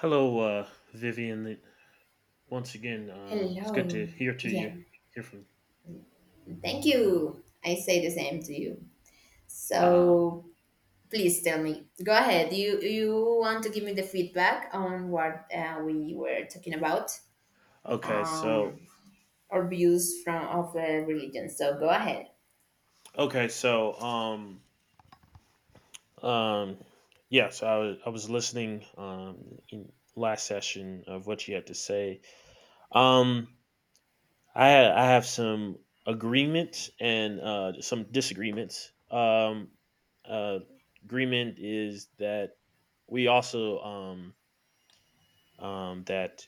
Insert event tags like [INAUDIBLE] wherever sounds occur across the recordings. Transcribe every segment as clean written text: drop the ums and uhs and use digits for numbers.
Hello, Vivian. Once again, it's good Hello. to hear to you, Yeah, hear from thank you. I say the same to you. you. So please tell me. Go ahead. You want to give me the feedback on what we were talking about, okay, so um, or views from of religion. So go ahead. okay, so um, yes, I was listening in last session of what you had to say. Um, I have some agreements and some disagreements. Uh, Agreement is that we also that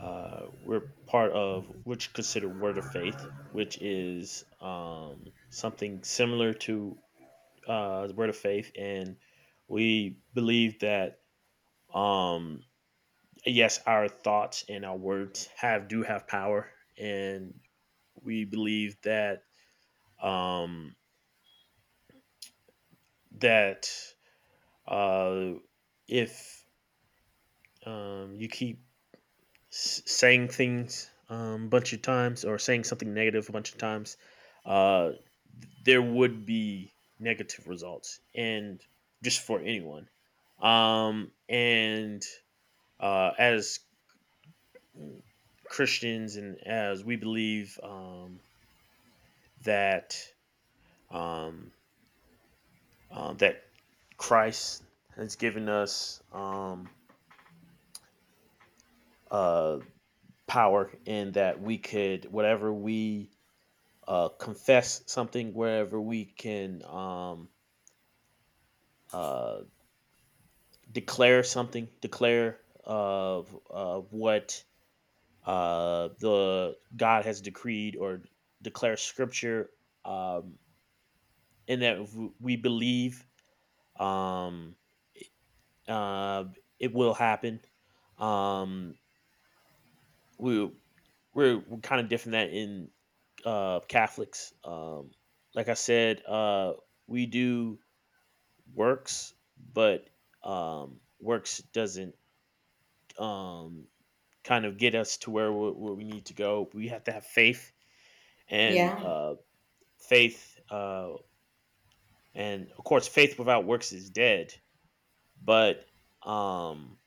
We're part of which considered Word of Faith, which is something similar to the Word of Faith, and we believe that um, yes, our thoughts and our words have do have power, and we believe that um, that uh, if you keep saying things a bunch of times or saying something negative a bunch of times, uh, there would be negative results, and just for anyone. And as mm, Christians and as we believe that um, that Christ has given us uh, power, and that we could whatever we confess something, wherever we can uh, declare something, declare of what the God has decreed, or declare Scripture, um, and that we believe um, uh, it will happen. Um, we we're kind of different that in Catholics. Like I said, we do works, but works doesn't um, kind of get us to where we need to go. We have to have faith, and Yeah. uh, faith, uh, and of course, faith without works is dead. But um,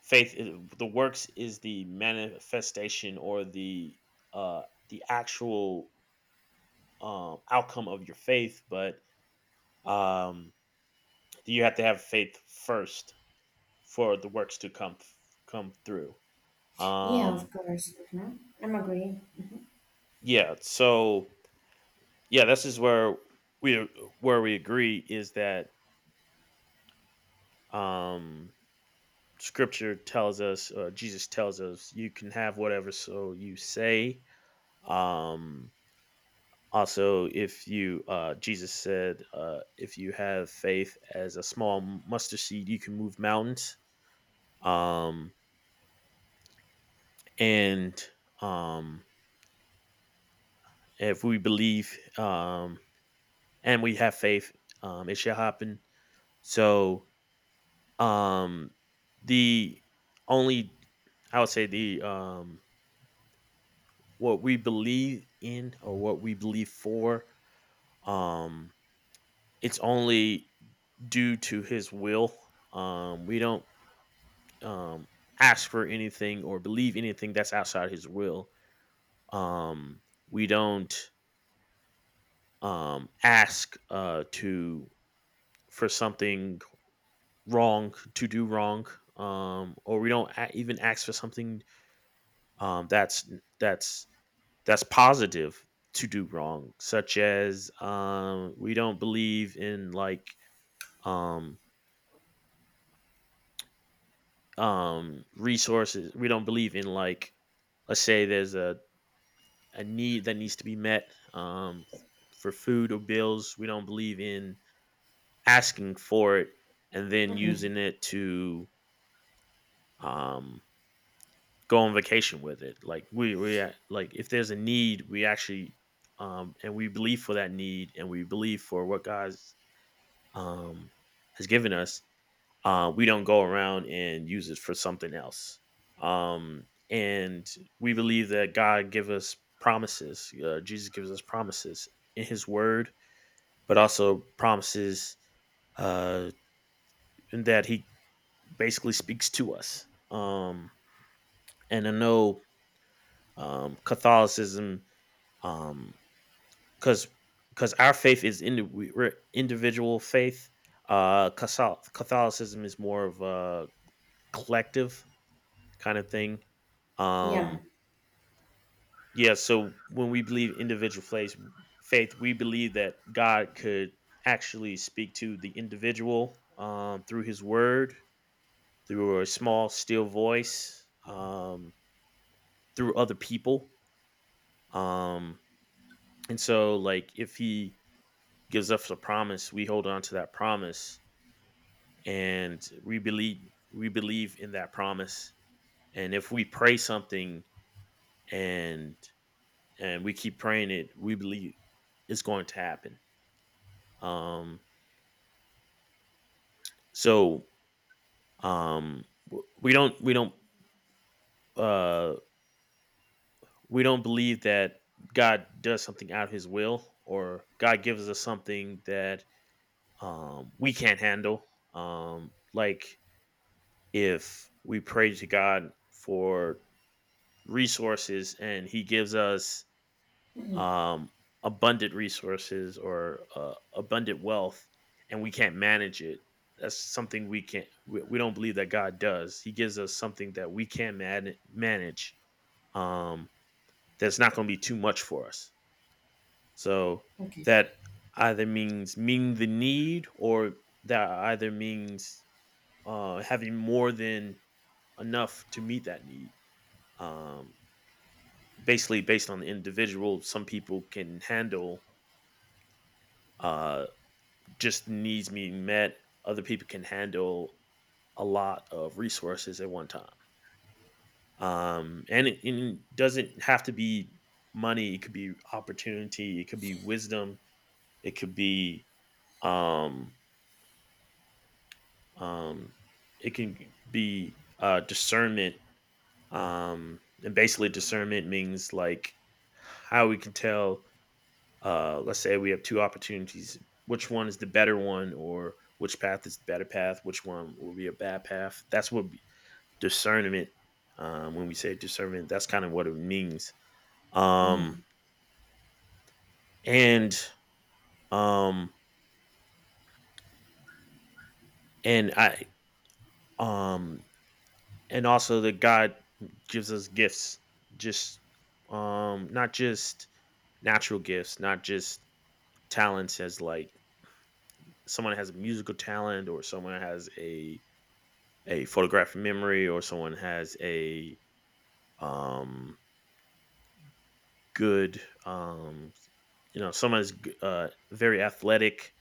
faith, the works is the manifestation or uh, the actual outcome of your faith, but um, you have to have faith first for the works to come through. Yeah, of Um, course. Mhm. I'm agreeing. yeah. So yeah, this is we where we agree is that um, Scripture tells us, Jesus tells us, you can have whatever so you say. Um, also, if you Jesus said, if you have faith as a small mustard seed, you can move mountains. Um, and um, if we believe and we have faith, it shall happen. So Um, the only I would say the what we believe in or what we believe for um it's only due to his will. We don't um ask for anything or believe anything that's outside his will. Um, we don't ask to for something wrong to do wrong or we don't even ask for something um that's that's that's positive to do wrong, such as we don't believe in like um, resources. We don't believe in like, let's say a need that needs to be met for food or bills. We don't believe in asking for it and then Mm-mm. using it to um, go on vacation with it. Like like if there's a need, we actually and we believe for that need and we believe for what God's um, has given us, we don't go around and use it for something else. Um, and we believe that God give us promises. Jesus gives us promises in His Word, but also promises uh, in that He basically speaks to us. And I know Catholicism, um, because our faith is we're individual faith. Catholicism is more of a collective kind of thing. Yeah. Um, yeah, so when we believe individual faith, we believe that God could actually speak to the individual through His Word, through a small, still voice, through other people. Um, and so, like, if He gives us a promise, we hold on to that promise, and we believe in that promise. And if we pray something and and we keep praying it. We believe it's going to happen. Um, so we don't uh, we don't believe that God does something out of His will or God gives us something that we can't handle. Like if we pray to God for resources and He gives us Mm-mm. um, abundant resources or abundant wealth and we can't manage it, that's something we don't believe that god does, he gives us something that we can manage, um, that's not going to be too much for us, so Okay. that either means meeting the need or that either means having more than enough to meet that need, um, basically based on the individual. Some people can handle uh, just needs being met. Other people can handle a lot of resources at one time. And it doesn't have to be money. It could be opportunity. It could be wisdom. It could be um, um, it can be discernment. And basically, discernment means like how we can tell, let's say we have two opportunities, which one is the better one, or which path is the better path, which one will be a bad path. That's what discernment, when we say discernment, that's kind of what it means. um, Mm-hmm. and um, and i um, and also that god gives us gifts, just not just natural gifts, not just talents, as like someone has a musical talent, or someone has a photographic memory, or someone has a um, good, um, you know, someone's very athletic,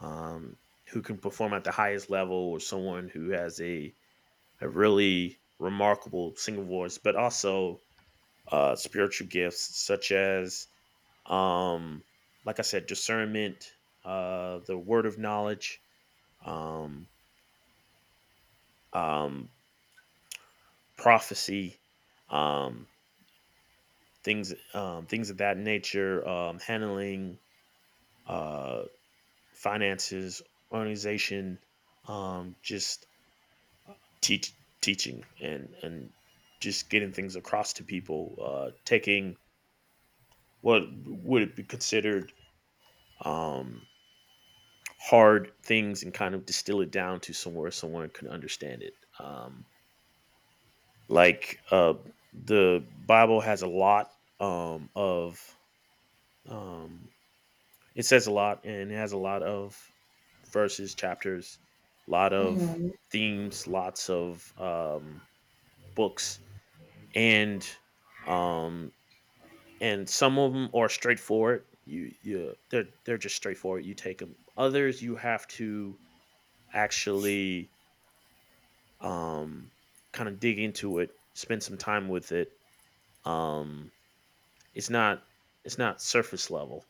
um, who can perform at the highest level, or someone who has a really remarkable singing voice, but also spiritual gifts such as, um, like I said, discernment, the word of knowledge, um, um, prophecy, um, things things of that nature, handling uh, finances, organization, just teach teaching and just getting things across to people, taking what would it be considered um, hard things, and kind of distill it down to somewhere someone can understand it. Um, like the Bible has a lot of um, it says a lot, and it has a lot of verses, chapters, a lot of Mm-hmm. themes, lots of books, and um, and some of them are straightforward. You they're just straightforward. You take them. Others you have to actually um, kind of dig into it, spend some time with it. Um, it's not it's not surface level.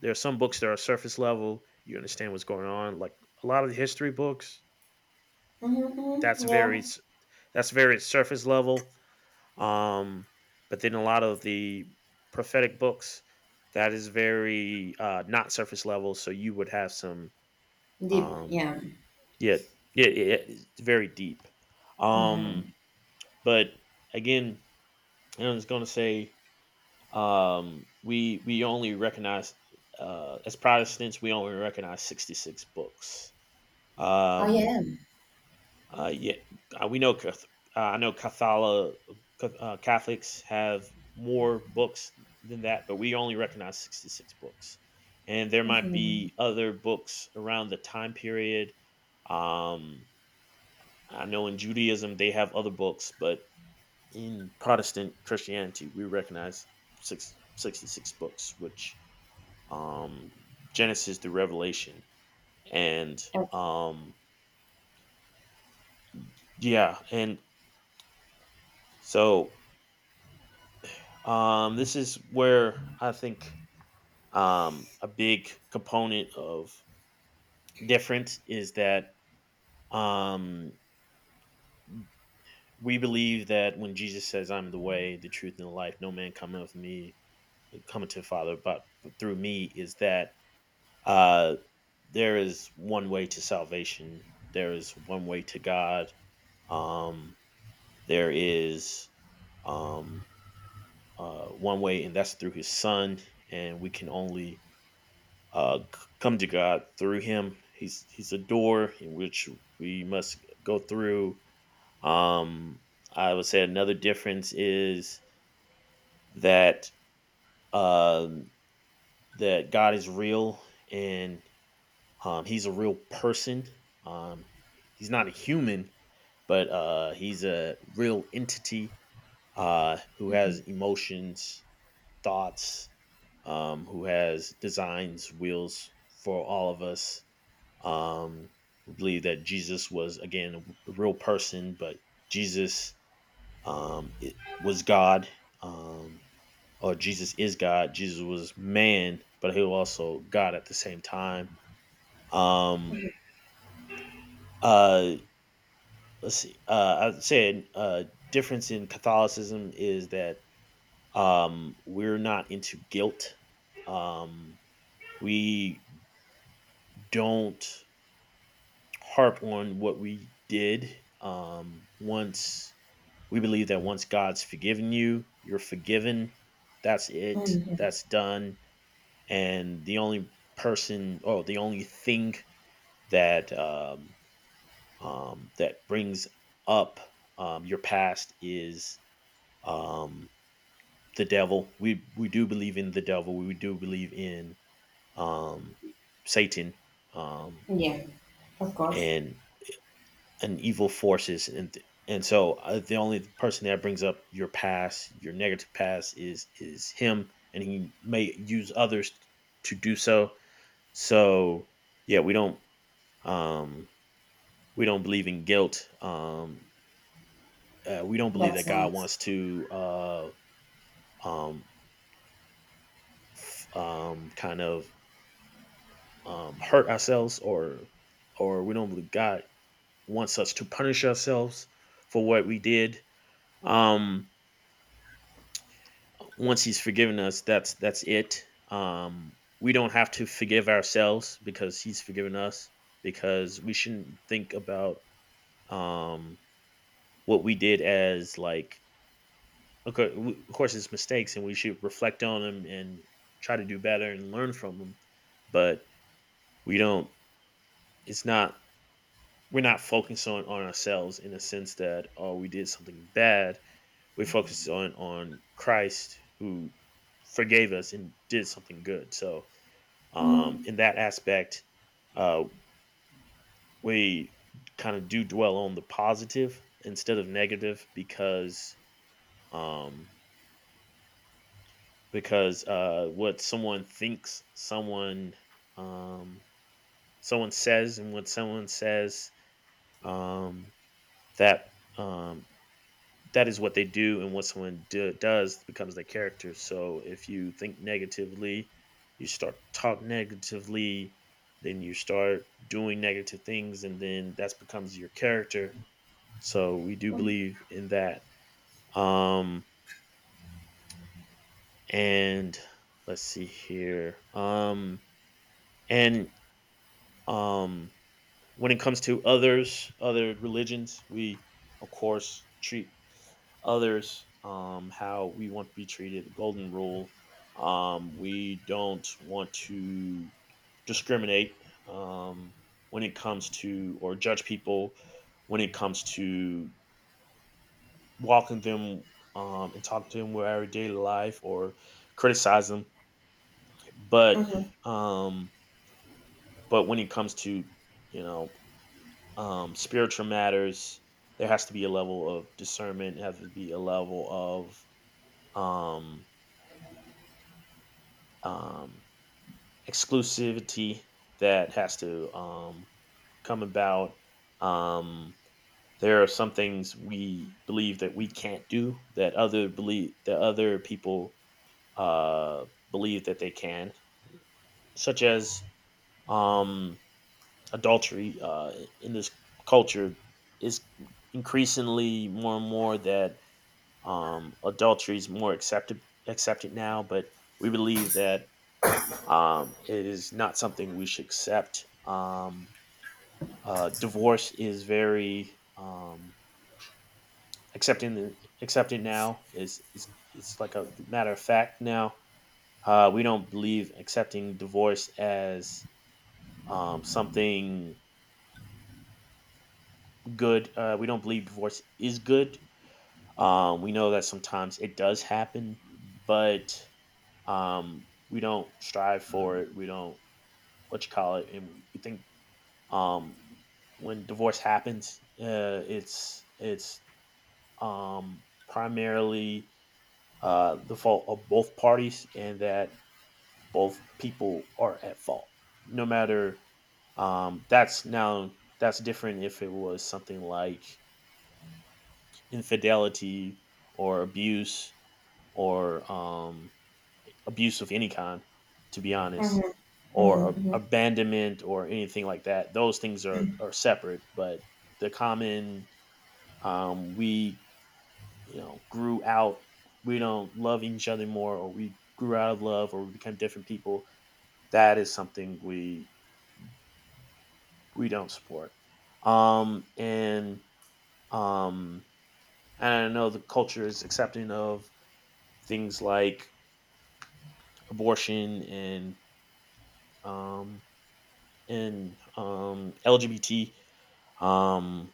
There are some books that are surface level. You understand what's going on. Like a lot of the history books, that's Mm-hmm. very Yeah. That's very surface level. Um, but then a lot of the prophetic books, that is very, not surface level. So you would have some Deep. um, Yeah. yeah, yeah, yeah, it's very deep. Mm-hmm. Um, but again, I was going to say we only recognize, as Protestants we only recognize 66 books. Oh Um, yeah. Yeah, we know I know Catholics have more books than that, but we only recognize 66 books. And there might Mm-hmm. be other books around the time period. Um, I know in Judaism they have other books, but in Protestant Christianity we recognize sixty-six books, which, um, Genesis through Revelation. And Okay. Yeah, and so, this is where I think a big component of difference is that um, we believe that when Jesus says, "I'm the way, the truth, and the life," no man cometh me cometh to the Father, but through me, is that uh, there is one way to salvation. There is one way to God. Um, there is um, one way, and that's through His Son. And we can only, come to God through Him. He's a door in which we must go through. Um, I would say another difference is that um, that God is real, and He's a real person. Um, he's not a human, but He's a real entity, who Uh-huh. Uh-huh. has emotions, thoughts, who has designs, wills for all of us, um, who believe that Jesus was, again, a real person, but Jesus it was God, um, or Jesus is God. Jesus was man, but he was also God at the same time. Um, uh, let's see. I said, difference in Catholicism is that we're not into guilt. Um, we don't harp on what we did. Um, once We believe that once God's forgiven you, you're forgiven. That's it. Mm-hmm. That's done. And the only person, oh, the only thing that that brings up your past is um, the devil. We do believe in the devil. We do believe in um, Satan. Um, Yeah, of course. and and evil forces, and so the only person that brings up your past, your negative past, is him, and he may use others to do so. So yeah we don't, um we don't believe in guilt. We don't believe That's that God nice. wants to um kind of hurt ourselves, or we don't believe God wants us to punish ourselves for what we did. um Once he's forgiven us, that's it. um we don't have to forgive ourselves because he's forgiven us, because we shouldn't think about um what we did as like, okay, of course it's mistakes and we should reflect on them and try to do better and learn from them. But we don't, it's not, we're not focused on ourselves in the sense that, oh, we did something bad. We focus on Christ, who forgave us and did something good. So um, Mm-hmm. in that aspect, uh, we kind of do dwell on the positive instead of negative, um, because what someone thinks, someone um, someone says, and what someone says um, that um, that is what they do, and what someone do, does becomes their character. So if you think negatively, you start talk negatively, then you start doing negative things, and then that becomes your character. So we do believe in that. Um and let's see here and um When it comes to others, other religions, we of course treat others how we want to be treated. The golden rule. We don't want to discriminate, um, when it comes to, or judge people when it comes to walking them and talking to them with our daily life, or criticize them. But Mm-hmm. um, but when it comes to, you know, spiritual matters, there has to be a level of discernment. Has to be a level of um, um, exclusivity that has to come about. Um, there are some things we believe that we can't do that other believe, that other people believe that they can, such as um, adultery. In this culture, is increasingly more and more that um, adultery is more accepted accepted now, but we believe that it is not something we should accept. Divorce is very accepting accepted now. Is It's like a matter of fact now. We don't believe accepting divorce as something good. We don't believe divorce is good. We know that sometimes it does happen, but we don't strive for it. We don't, what you call it, and we think um, when divorce happens, it's um, primarily the fault of both parties, and that both people are at fault no matter. Um, that's now, that's different if it was something like infidelity or abuse, or abuse of any kind, to be honest, Mm-hmm. or Mm-hmm. abandonment or anything like that. Those things are separate. But the common, we, you know, grew out. We don't love each other more, or we grew out of love, or we became different people. That is something we don't support. Um, and um, and I know the culture is accepting of things like abortion and um, LGBT. Um,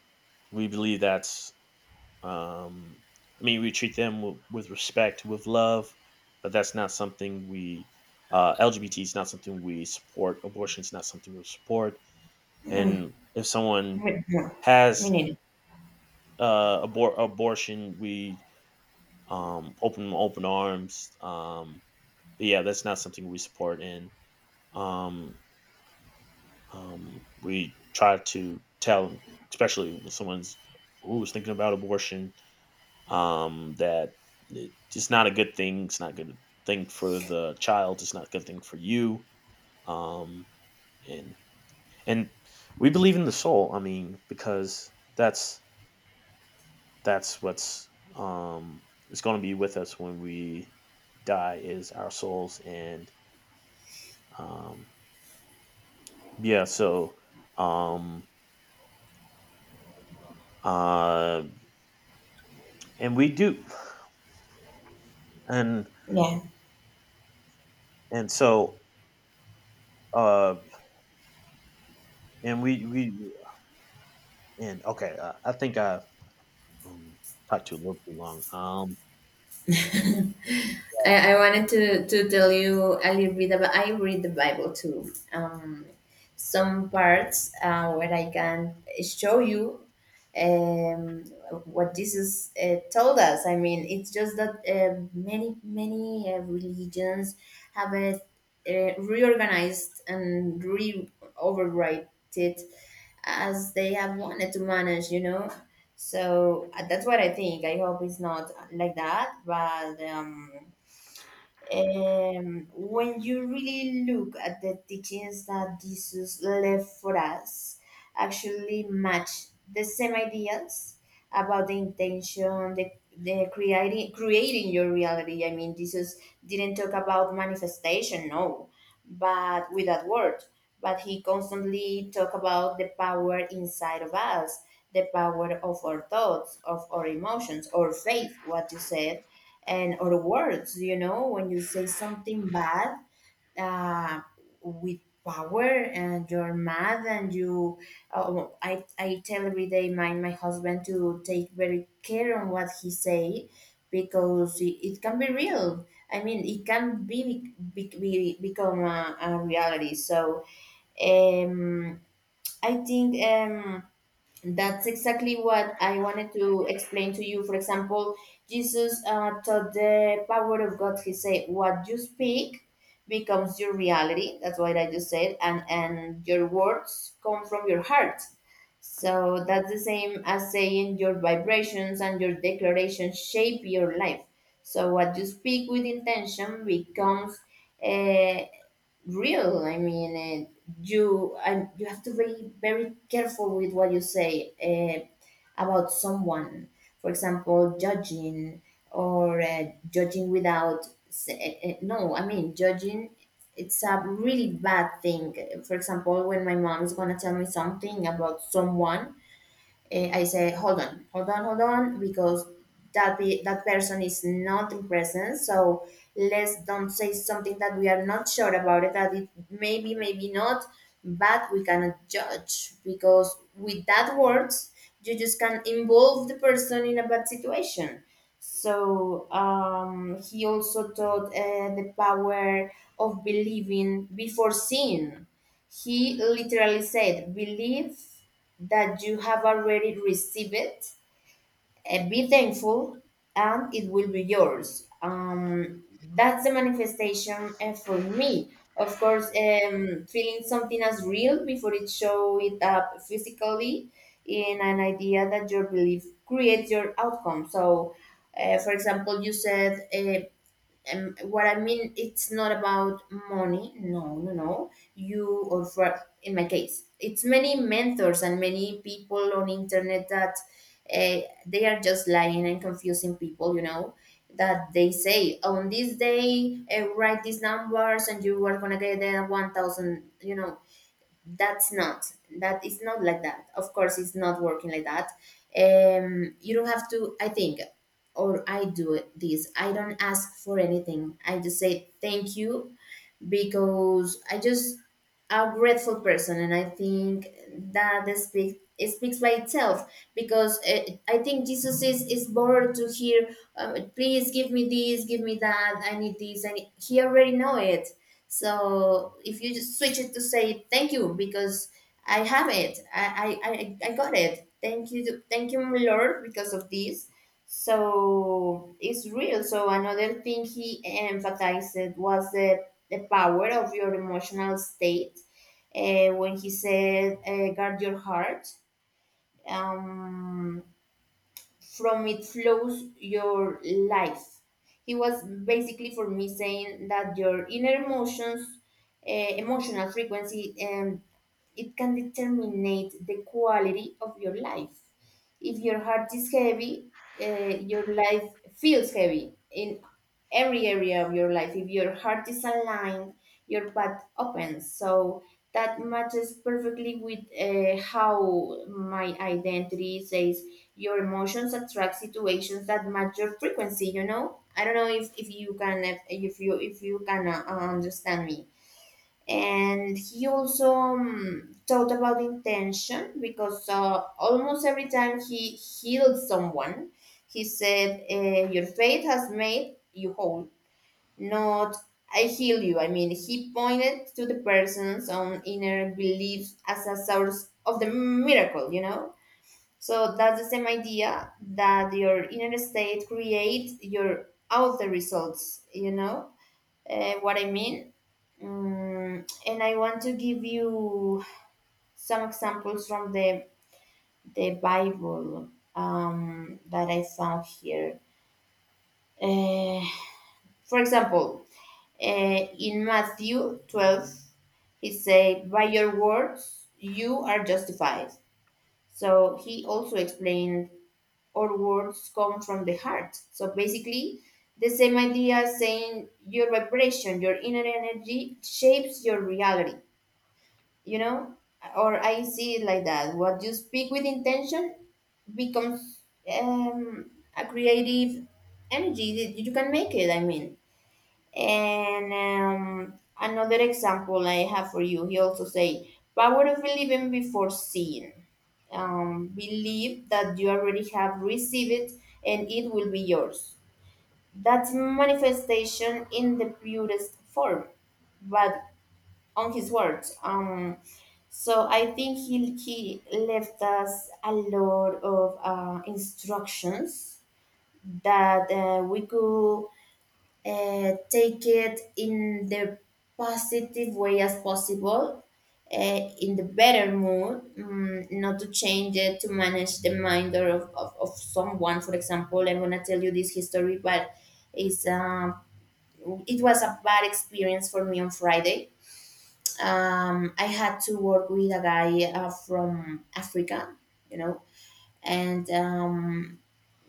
we believe that's, um, I mean, we treat them with respect, with love, but that's not something we, LGBT is not something we support. Abortion is not something we support. Mm-hmm. And if someone No, me has neither. Abortion, we open arms. But yeah, that's not something we support. And um, we try to tell them, especially when someone's, who's thinking about abortion, that it's not a good thing. It's not a good thing for the child. It's not a good thing for you. Um, and and we believe in the soul. I mean, because that's what's is going to be with us when we die is our souls. And um, yeah, so um, uh, and we do and Yeah. and so uh and we and okay, I think I um, talked to you a little too long. [LAUGHS] I wanted to tell you a little bit about I read the Bible too. Some parts where I can show you um, what Jesus told us. I mean, it's just that many religions have reorganized and re overwrite it as they have wanted to manage. You know, so that's what I think. I hope it's not like that, but. When you really look at the teachings that Jesus left for us, actually match the same ideas about the intention, the creating your reality. I mean, Jesus didn't talk about manifestation, no, but with that word. But he constantly talk about the power inside of us, the power of our thoughts, of our emotions, or faith. What you said and or words, you know, when you say something bad uh, with power and you're mad and you well, I tell every day my husband to take very care on what he say because it can be real. I mean it can be become a reality. So um, I think that's exactly what I wanted to explain to you. For example, Jesus taught the power of God. He said, "What you speak becomes your reality." That's what I just said, and your words come from your heart. So that's the same as saying your vibrations and your declarations shape your life. So what you speak with intention becomes uh, real. I mean, you and you have to be very careful with what you say about someone. For example, judging without. No, I mean judging. It's a really bad thing. For example, when my mom is gonna tell me something about someone, I say hold on, hold on, hold on, because that person is not in presence. So let's don't say something that we are not sure about it. That it maybe, maybe not, but we cannot judge because with that words you just can involve the person in a bad situation. So he also taught the power of believing before seeing. He literally said, "Believe that you have already received it. Be thankful, and it will be yours." That's the manifestation for me. Of course, feeling something as real before it show it up physically in an idea that your belief creates your outcome. So, for example, you said what I mean, it's not about money. No, no, no. You or for in my case, it's many mentors and many people on internet that uh, they are just lying and confusing people. You know that they say on this day write these numbers and you are gonna get 1,000. You know that's not, that is not like that. Of course it's not working like that. You don't have to. I think or I do it this. I don't ask for anything. I just say thank you because I just a grateful person, and I think that speaks, it speaks by itself. Because I think Jesus is bored to hear, please give me this, give me that, I need this, and he already know it. So if you just switch it to say thank you because I have it, I got it. Thank you, my Lord, because of this. So it's real. So another thing he emphasized was that the power of your emotional state when he said guard your heart, um, from it flows your life. He was basically for me saying that your inner emotions emotional frequency and it can determine the quality of your life. If your heart is heavy, uh, your life feels heavy in every area of your life. If your heart is aligned, your path opens. So that matches perfectly with how my identity says your emotions attract situations that match your frequency. You know, I don't know if you can, if you, if you can understand me. And he also taught about intention because almost every time he healed someone he said your faith has made you whole, not I heal you. I mean he pointed to the person's own inner beliefs as a source of the miracle, you know. So that's the same idea that your inner state creates your outer results, you know, what I mean. Mm, and I want to give you some examples from the Bible that I found here. Uh, for example, in Matthew 12, he said, "By your words you are justified." So he also explained, "Our words come from the heart." So basically, the same idea saying your vibration, your inner energy shapes your reality. You know, or I see it like that. What you speak with intention becomes um, a creative energy that you can make it, I mean. And another example I have for you, he also say power of believing before seeing. Believe that you already have received it and it will be yours. That's manifestation in the purest form, but on his words. So I think he left us a lot of instructions that we could take it in the positive way as possible, uh, in the better mood, not to change it, to manage the mind or of someone. For example, I'm going to tell you this history, but it's, it was a bad experience for me on Friday. I had to work with a guy from Africa, you know, and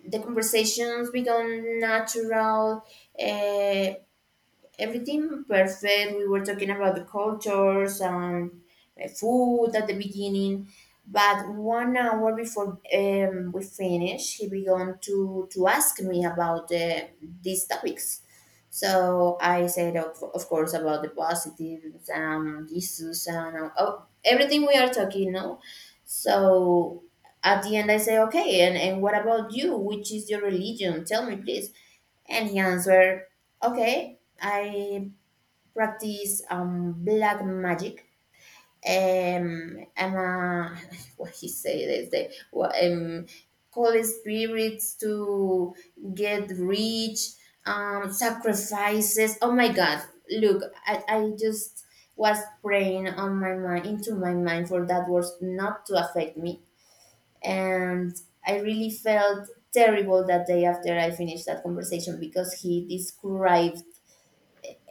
the conversations become natural. Uh, Everything perfect. We were talking about the cultures and food at the beginning, but 1 hour before we finished, he began to ask me about these topics. So I said, of course, about the positives, Jesus, and oh, everything we are talking now. So at the end, I say, okay, and what about you? Which is your religion? Tell me, please. And he answered, okay, I practice black magic. I'm a, [LAUGHS] what he say is that, well, call spirits to get rich, sacrifices. Oh my God! Look, I just was praying on my mind, into my mind, for that was not to affect me. And I really felt terrible that day after I finished that conversation because he described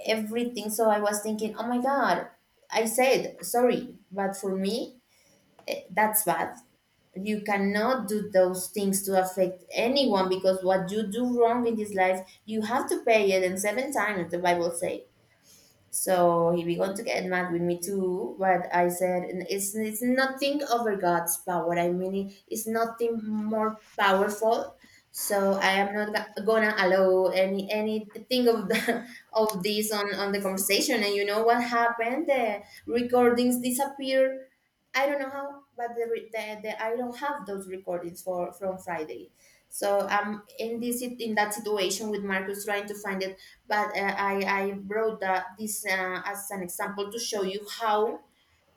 everything. So I was thinking, oh my God, I said sorry, but for me, that's bad. You cannot do those things to affect anyone because what you do wrong in this life, you have to pay it, and seven times the Bible says. So he began to get mad with me too, but I said, "N- it's nothing over God's power. I mean, it's nothing more powerful. So I am not go- gonna allow anything of the, [LAUGHS] of this on the conversation." And you know what happened? The recordings disappeared. I don't know how, but the I don't have those recordings for from Friday. So I'm in that situation with Marcus trying to find the but I brought that this as an example to show you how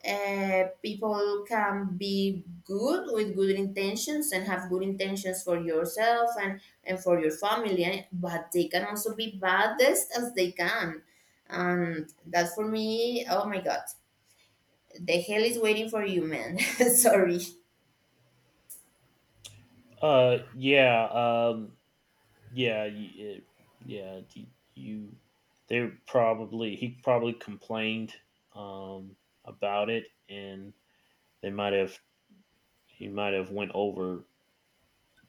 people can be good with good intentions and have good intentions for yourself and for your family, and but they can also be baddest as they can. And that for me, oh my God, the hell is waiting for you, man. [LAUGHS] Sorry. Uh, yeah, um, yeah, y- uh, yeah. You They were probably, he probably complained um about it, and they might have he might have went over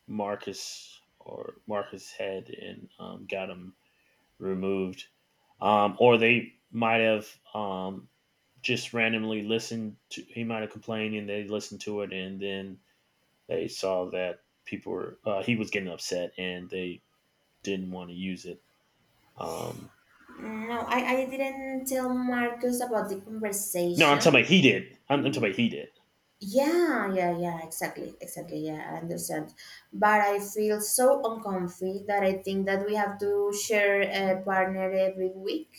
Marcus or Marcus head and got him removed, or they might have just randomly listened to. He might have complained, and they listened to it, and then they saw that people were he was getting upset, and they didn't want to use it. Um, No, I didn't tell Marcus about the no, I'm talking conversation. about he did. I'm talking about he did. Yeah, yeah, yeah, exactly, exactly. Yeah, I understand. But I feel so uncomfy that I think that we have to share a partner every week.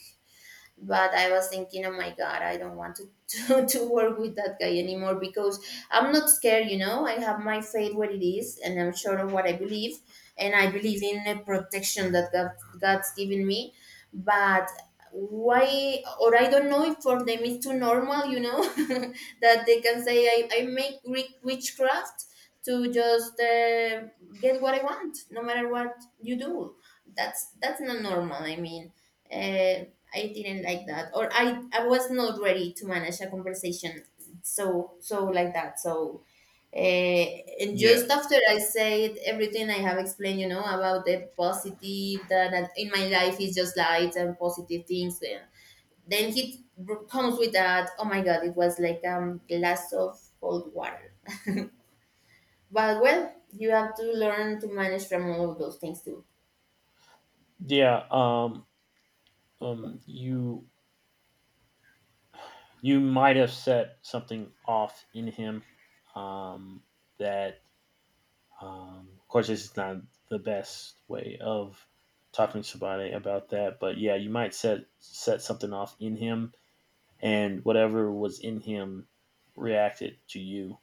But I was thinking, oh my God, I don't want to, [LAUGHS] to work with that guy anymore because I'm not scared, you know. I have my faith what it is and I'm sure of what I believe and I believe in the protection that God's given me. But why? Or I don't know if for them it's too normal, you know, [LAUGHS] that they can say I make Greek witchcraft to just get what I want no matter what you do. That's not normal, I mean, uh. I didn't like that, or I was not ready to manage a conversation so so like that. So, and Yeah, just after I said everything I have explained, you know, about the positive that, that in my life is just light and positive things. Then he comes with that. Oh my God, it was like glass of cold water. But well, you have to learn to manage from all of those things too. yeah. You, you might have set something off in him, um, that of course, this is not the best way of talking to somebody about that, but yeah, you might set something off in him, and whatever was in him reacted to you.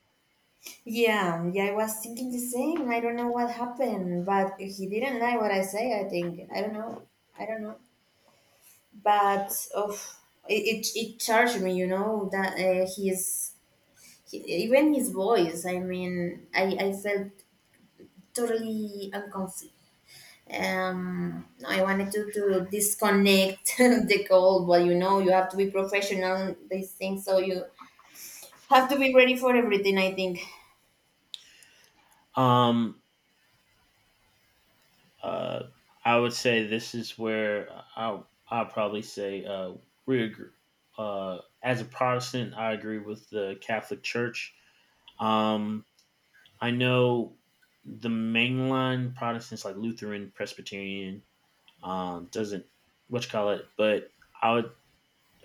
Yeah, yeah, I was thinking the same. I don't know what happened, but he didn't like what I say, I think. I don't know. I don't know. But of it, it charged me, you know, that his he, even his voice. I mean, I felt totally uncomfortable. No, I wanted to disconnect [LAUGHS] the call, but you know, you have to be professional in these things, so you have to be ready for everything, I think. Um, uh, I would say this is where I I probably say, we agree. As a Protestant, I agree with the Catholic Church. Um, I know the mainline Protestants like Lutheran, Presbyterian, doesn't, what you call it, but I would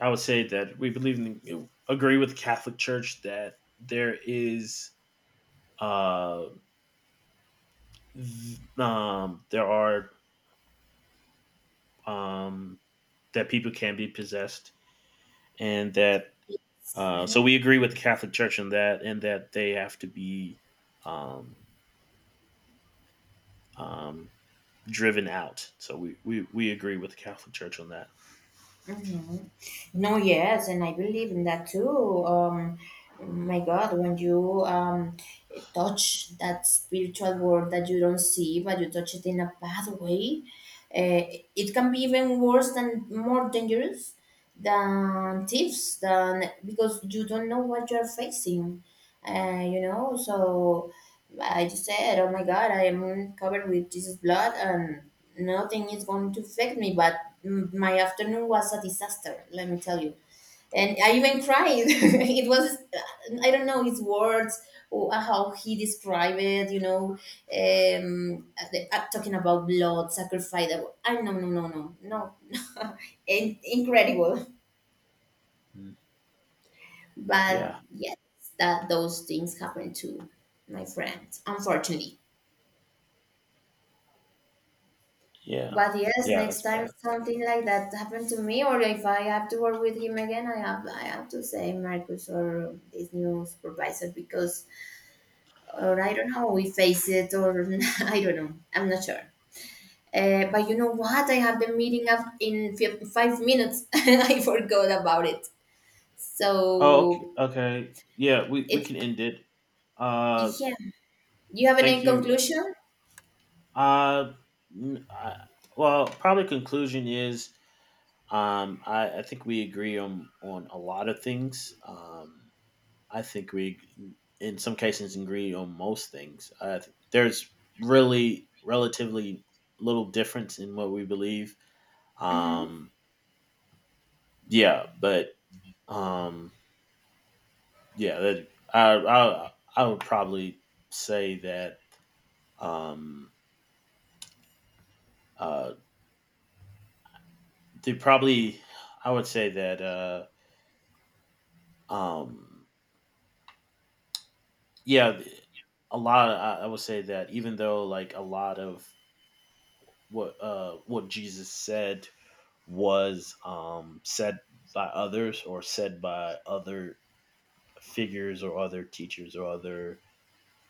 I would say that we believe in the, agree with the Catholic Church that there is uh, there are um, that people can be possessed, and that so we agree with the Catholic Church in that, and that they have to be um, um, driven out. So we agree with the Catholic Church on that. Hmm. No, yes, and I believe in that too. My God, when you touch that spiritual world that you don't see, but you touch it in a bad way, uh, it can be even worse, than more dangerous than thieves, than because you don't know what you're facing, you know. So I just said, oh my God, I am covered with Jesus blood and nothing is going to affect me. But my afternoon was a disaster, let me tell you. And I even cried. [LAUGHS] It was, I don't know his words or how he described it, you know, um the- talking about blood sacrifice. I, no, no, no, no, no. [LAUGHS] In- incredible. But Yeah, yes, that those things happen to my friends, unfortunately. yeah, But yes, yeah. next That's time bad. something like that happened to me, or if I have to work with him again, I have to say Marcus or this new supervisor because, or I don't know, we face it, or [LAUGHS] I don't know, I'm not sure. But you know what? I have the meeting up in 5 minutes, [LAUGHS] and I forgot about it. Oh, okay. So Okay. Yeah, we it's can end it. Uh, yeah. You have any thank you. conclusion? Uh, n- I- well, probably conclusion is I think we agree on a lot of things. I think we, in some cases, agree on most things. There's really relatively little difference in what we believe. Mm-hmm. Um, yeah, but um, yeah, that, I would probably say that Um, uh, they probably, I would say that, um, yeah, a lot. I would say that, even though, like, a lot of what Jesus said was said by others, or said by other figures, or other teachers, or other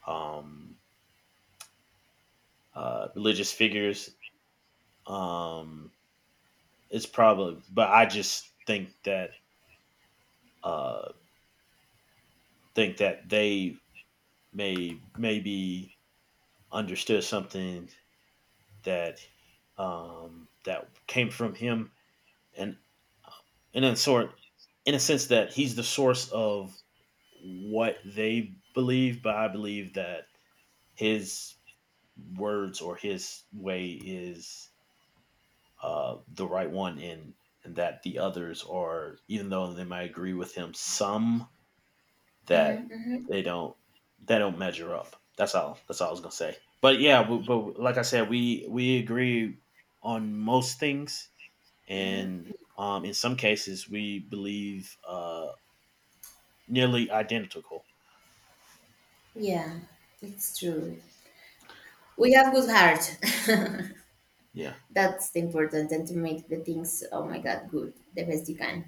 um religious figures, um it's probably, but I just uh think that they maybe understood something that, that came from him, and and in a sense that he's the source of what they believe, but I believe that his words or his way is, the right one, and that the others are, even though they might agree with him, some, that Mm-hmm. Mm-hmm. they don't, they don't measure up. That's all. That's all I was gonna say. But yeah, we, but like I said, we agree on most things, Mhm. and in some cases, we believe, nearly identical. Yeah, it's true. We have good heart. [LAUGHS] Yeah. That's important, and to make the things, oh my God, good, the best you can.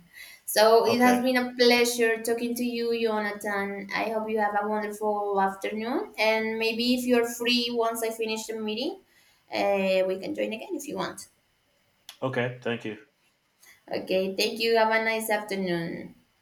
So it Okay. has been a pleasure talking to you, Jonathan. I hope you have a wonderful afternoon, and maybe if you're free once I finish the meeting, we can join again if you want. Okay. Thank you. Okay, thank you. Have a nice afternoon.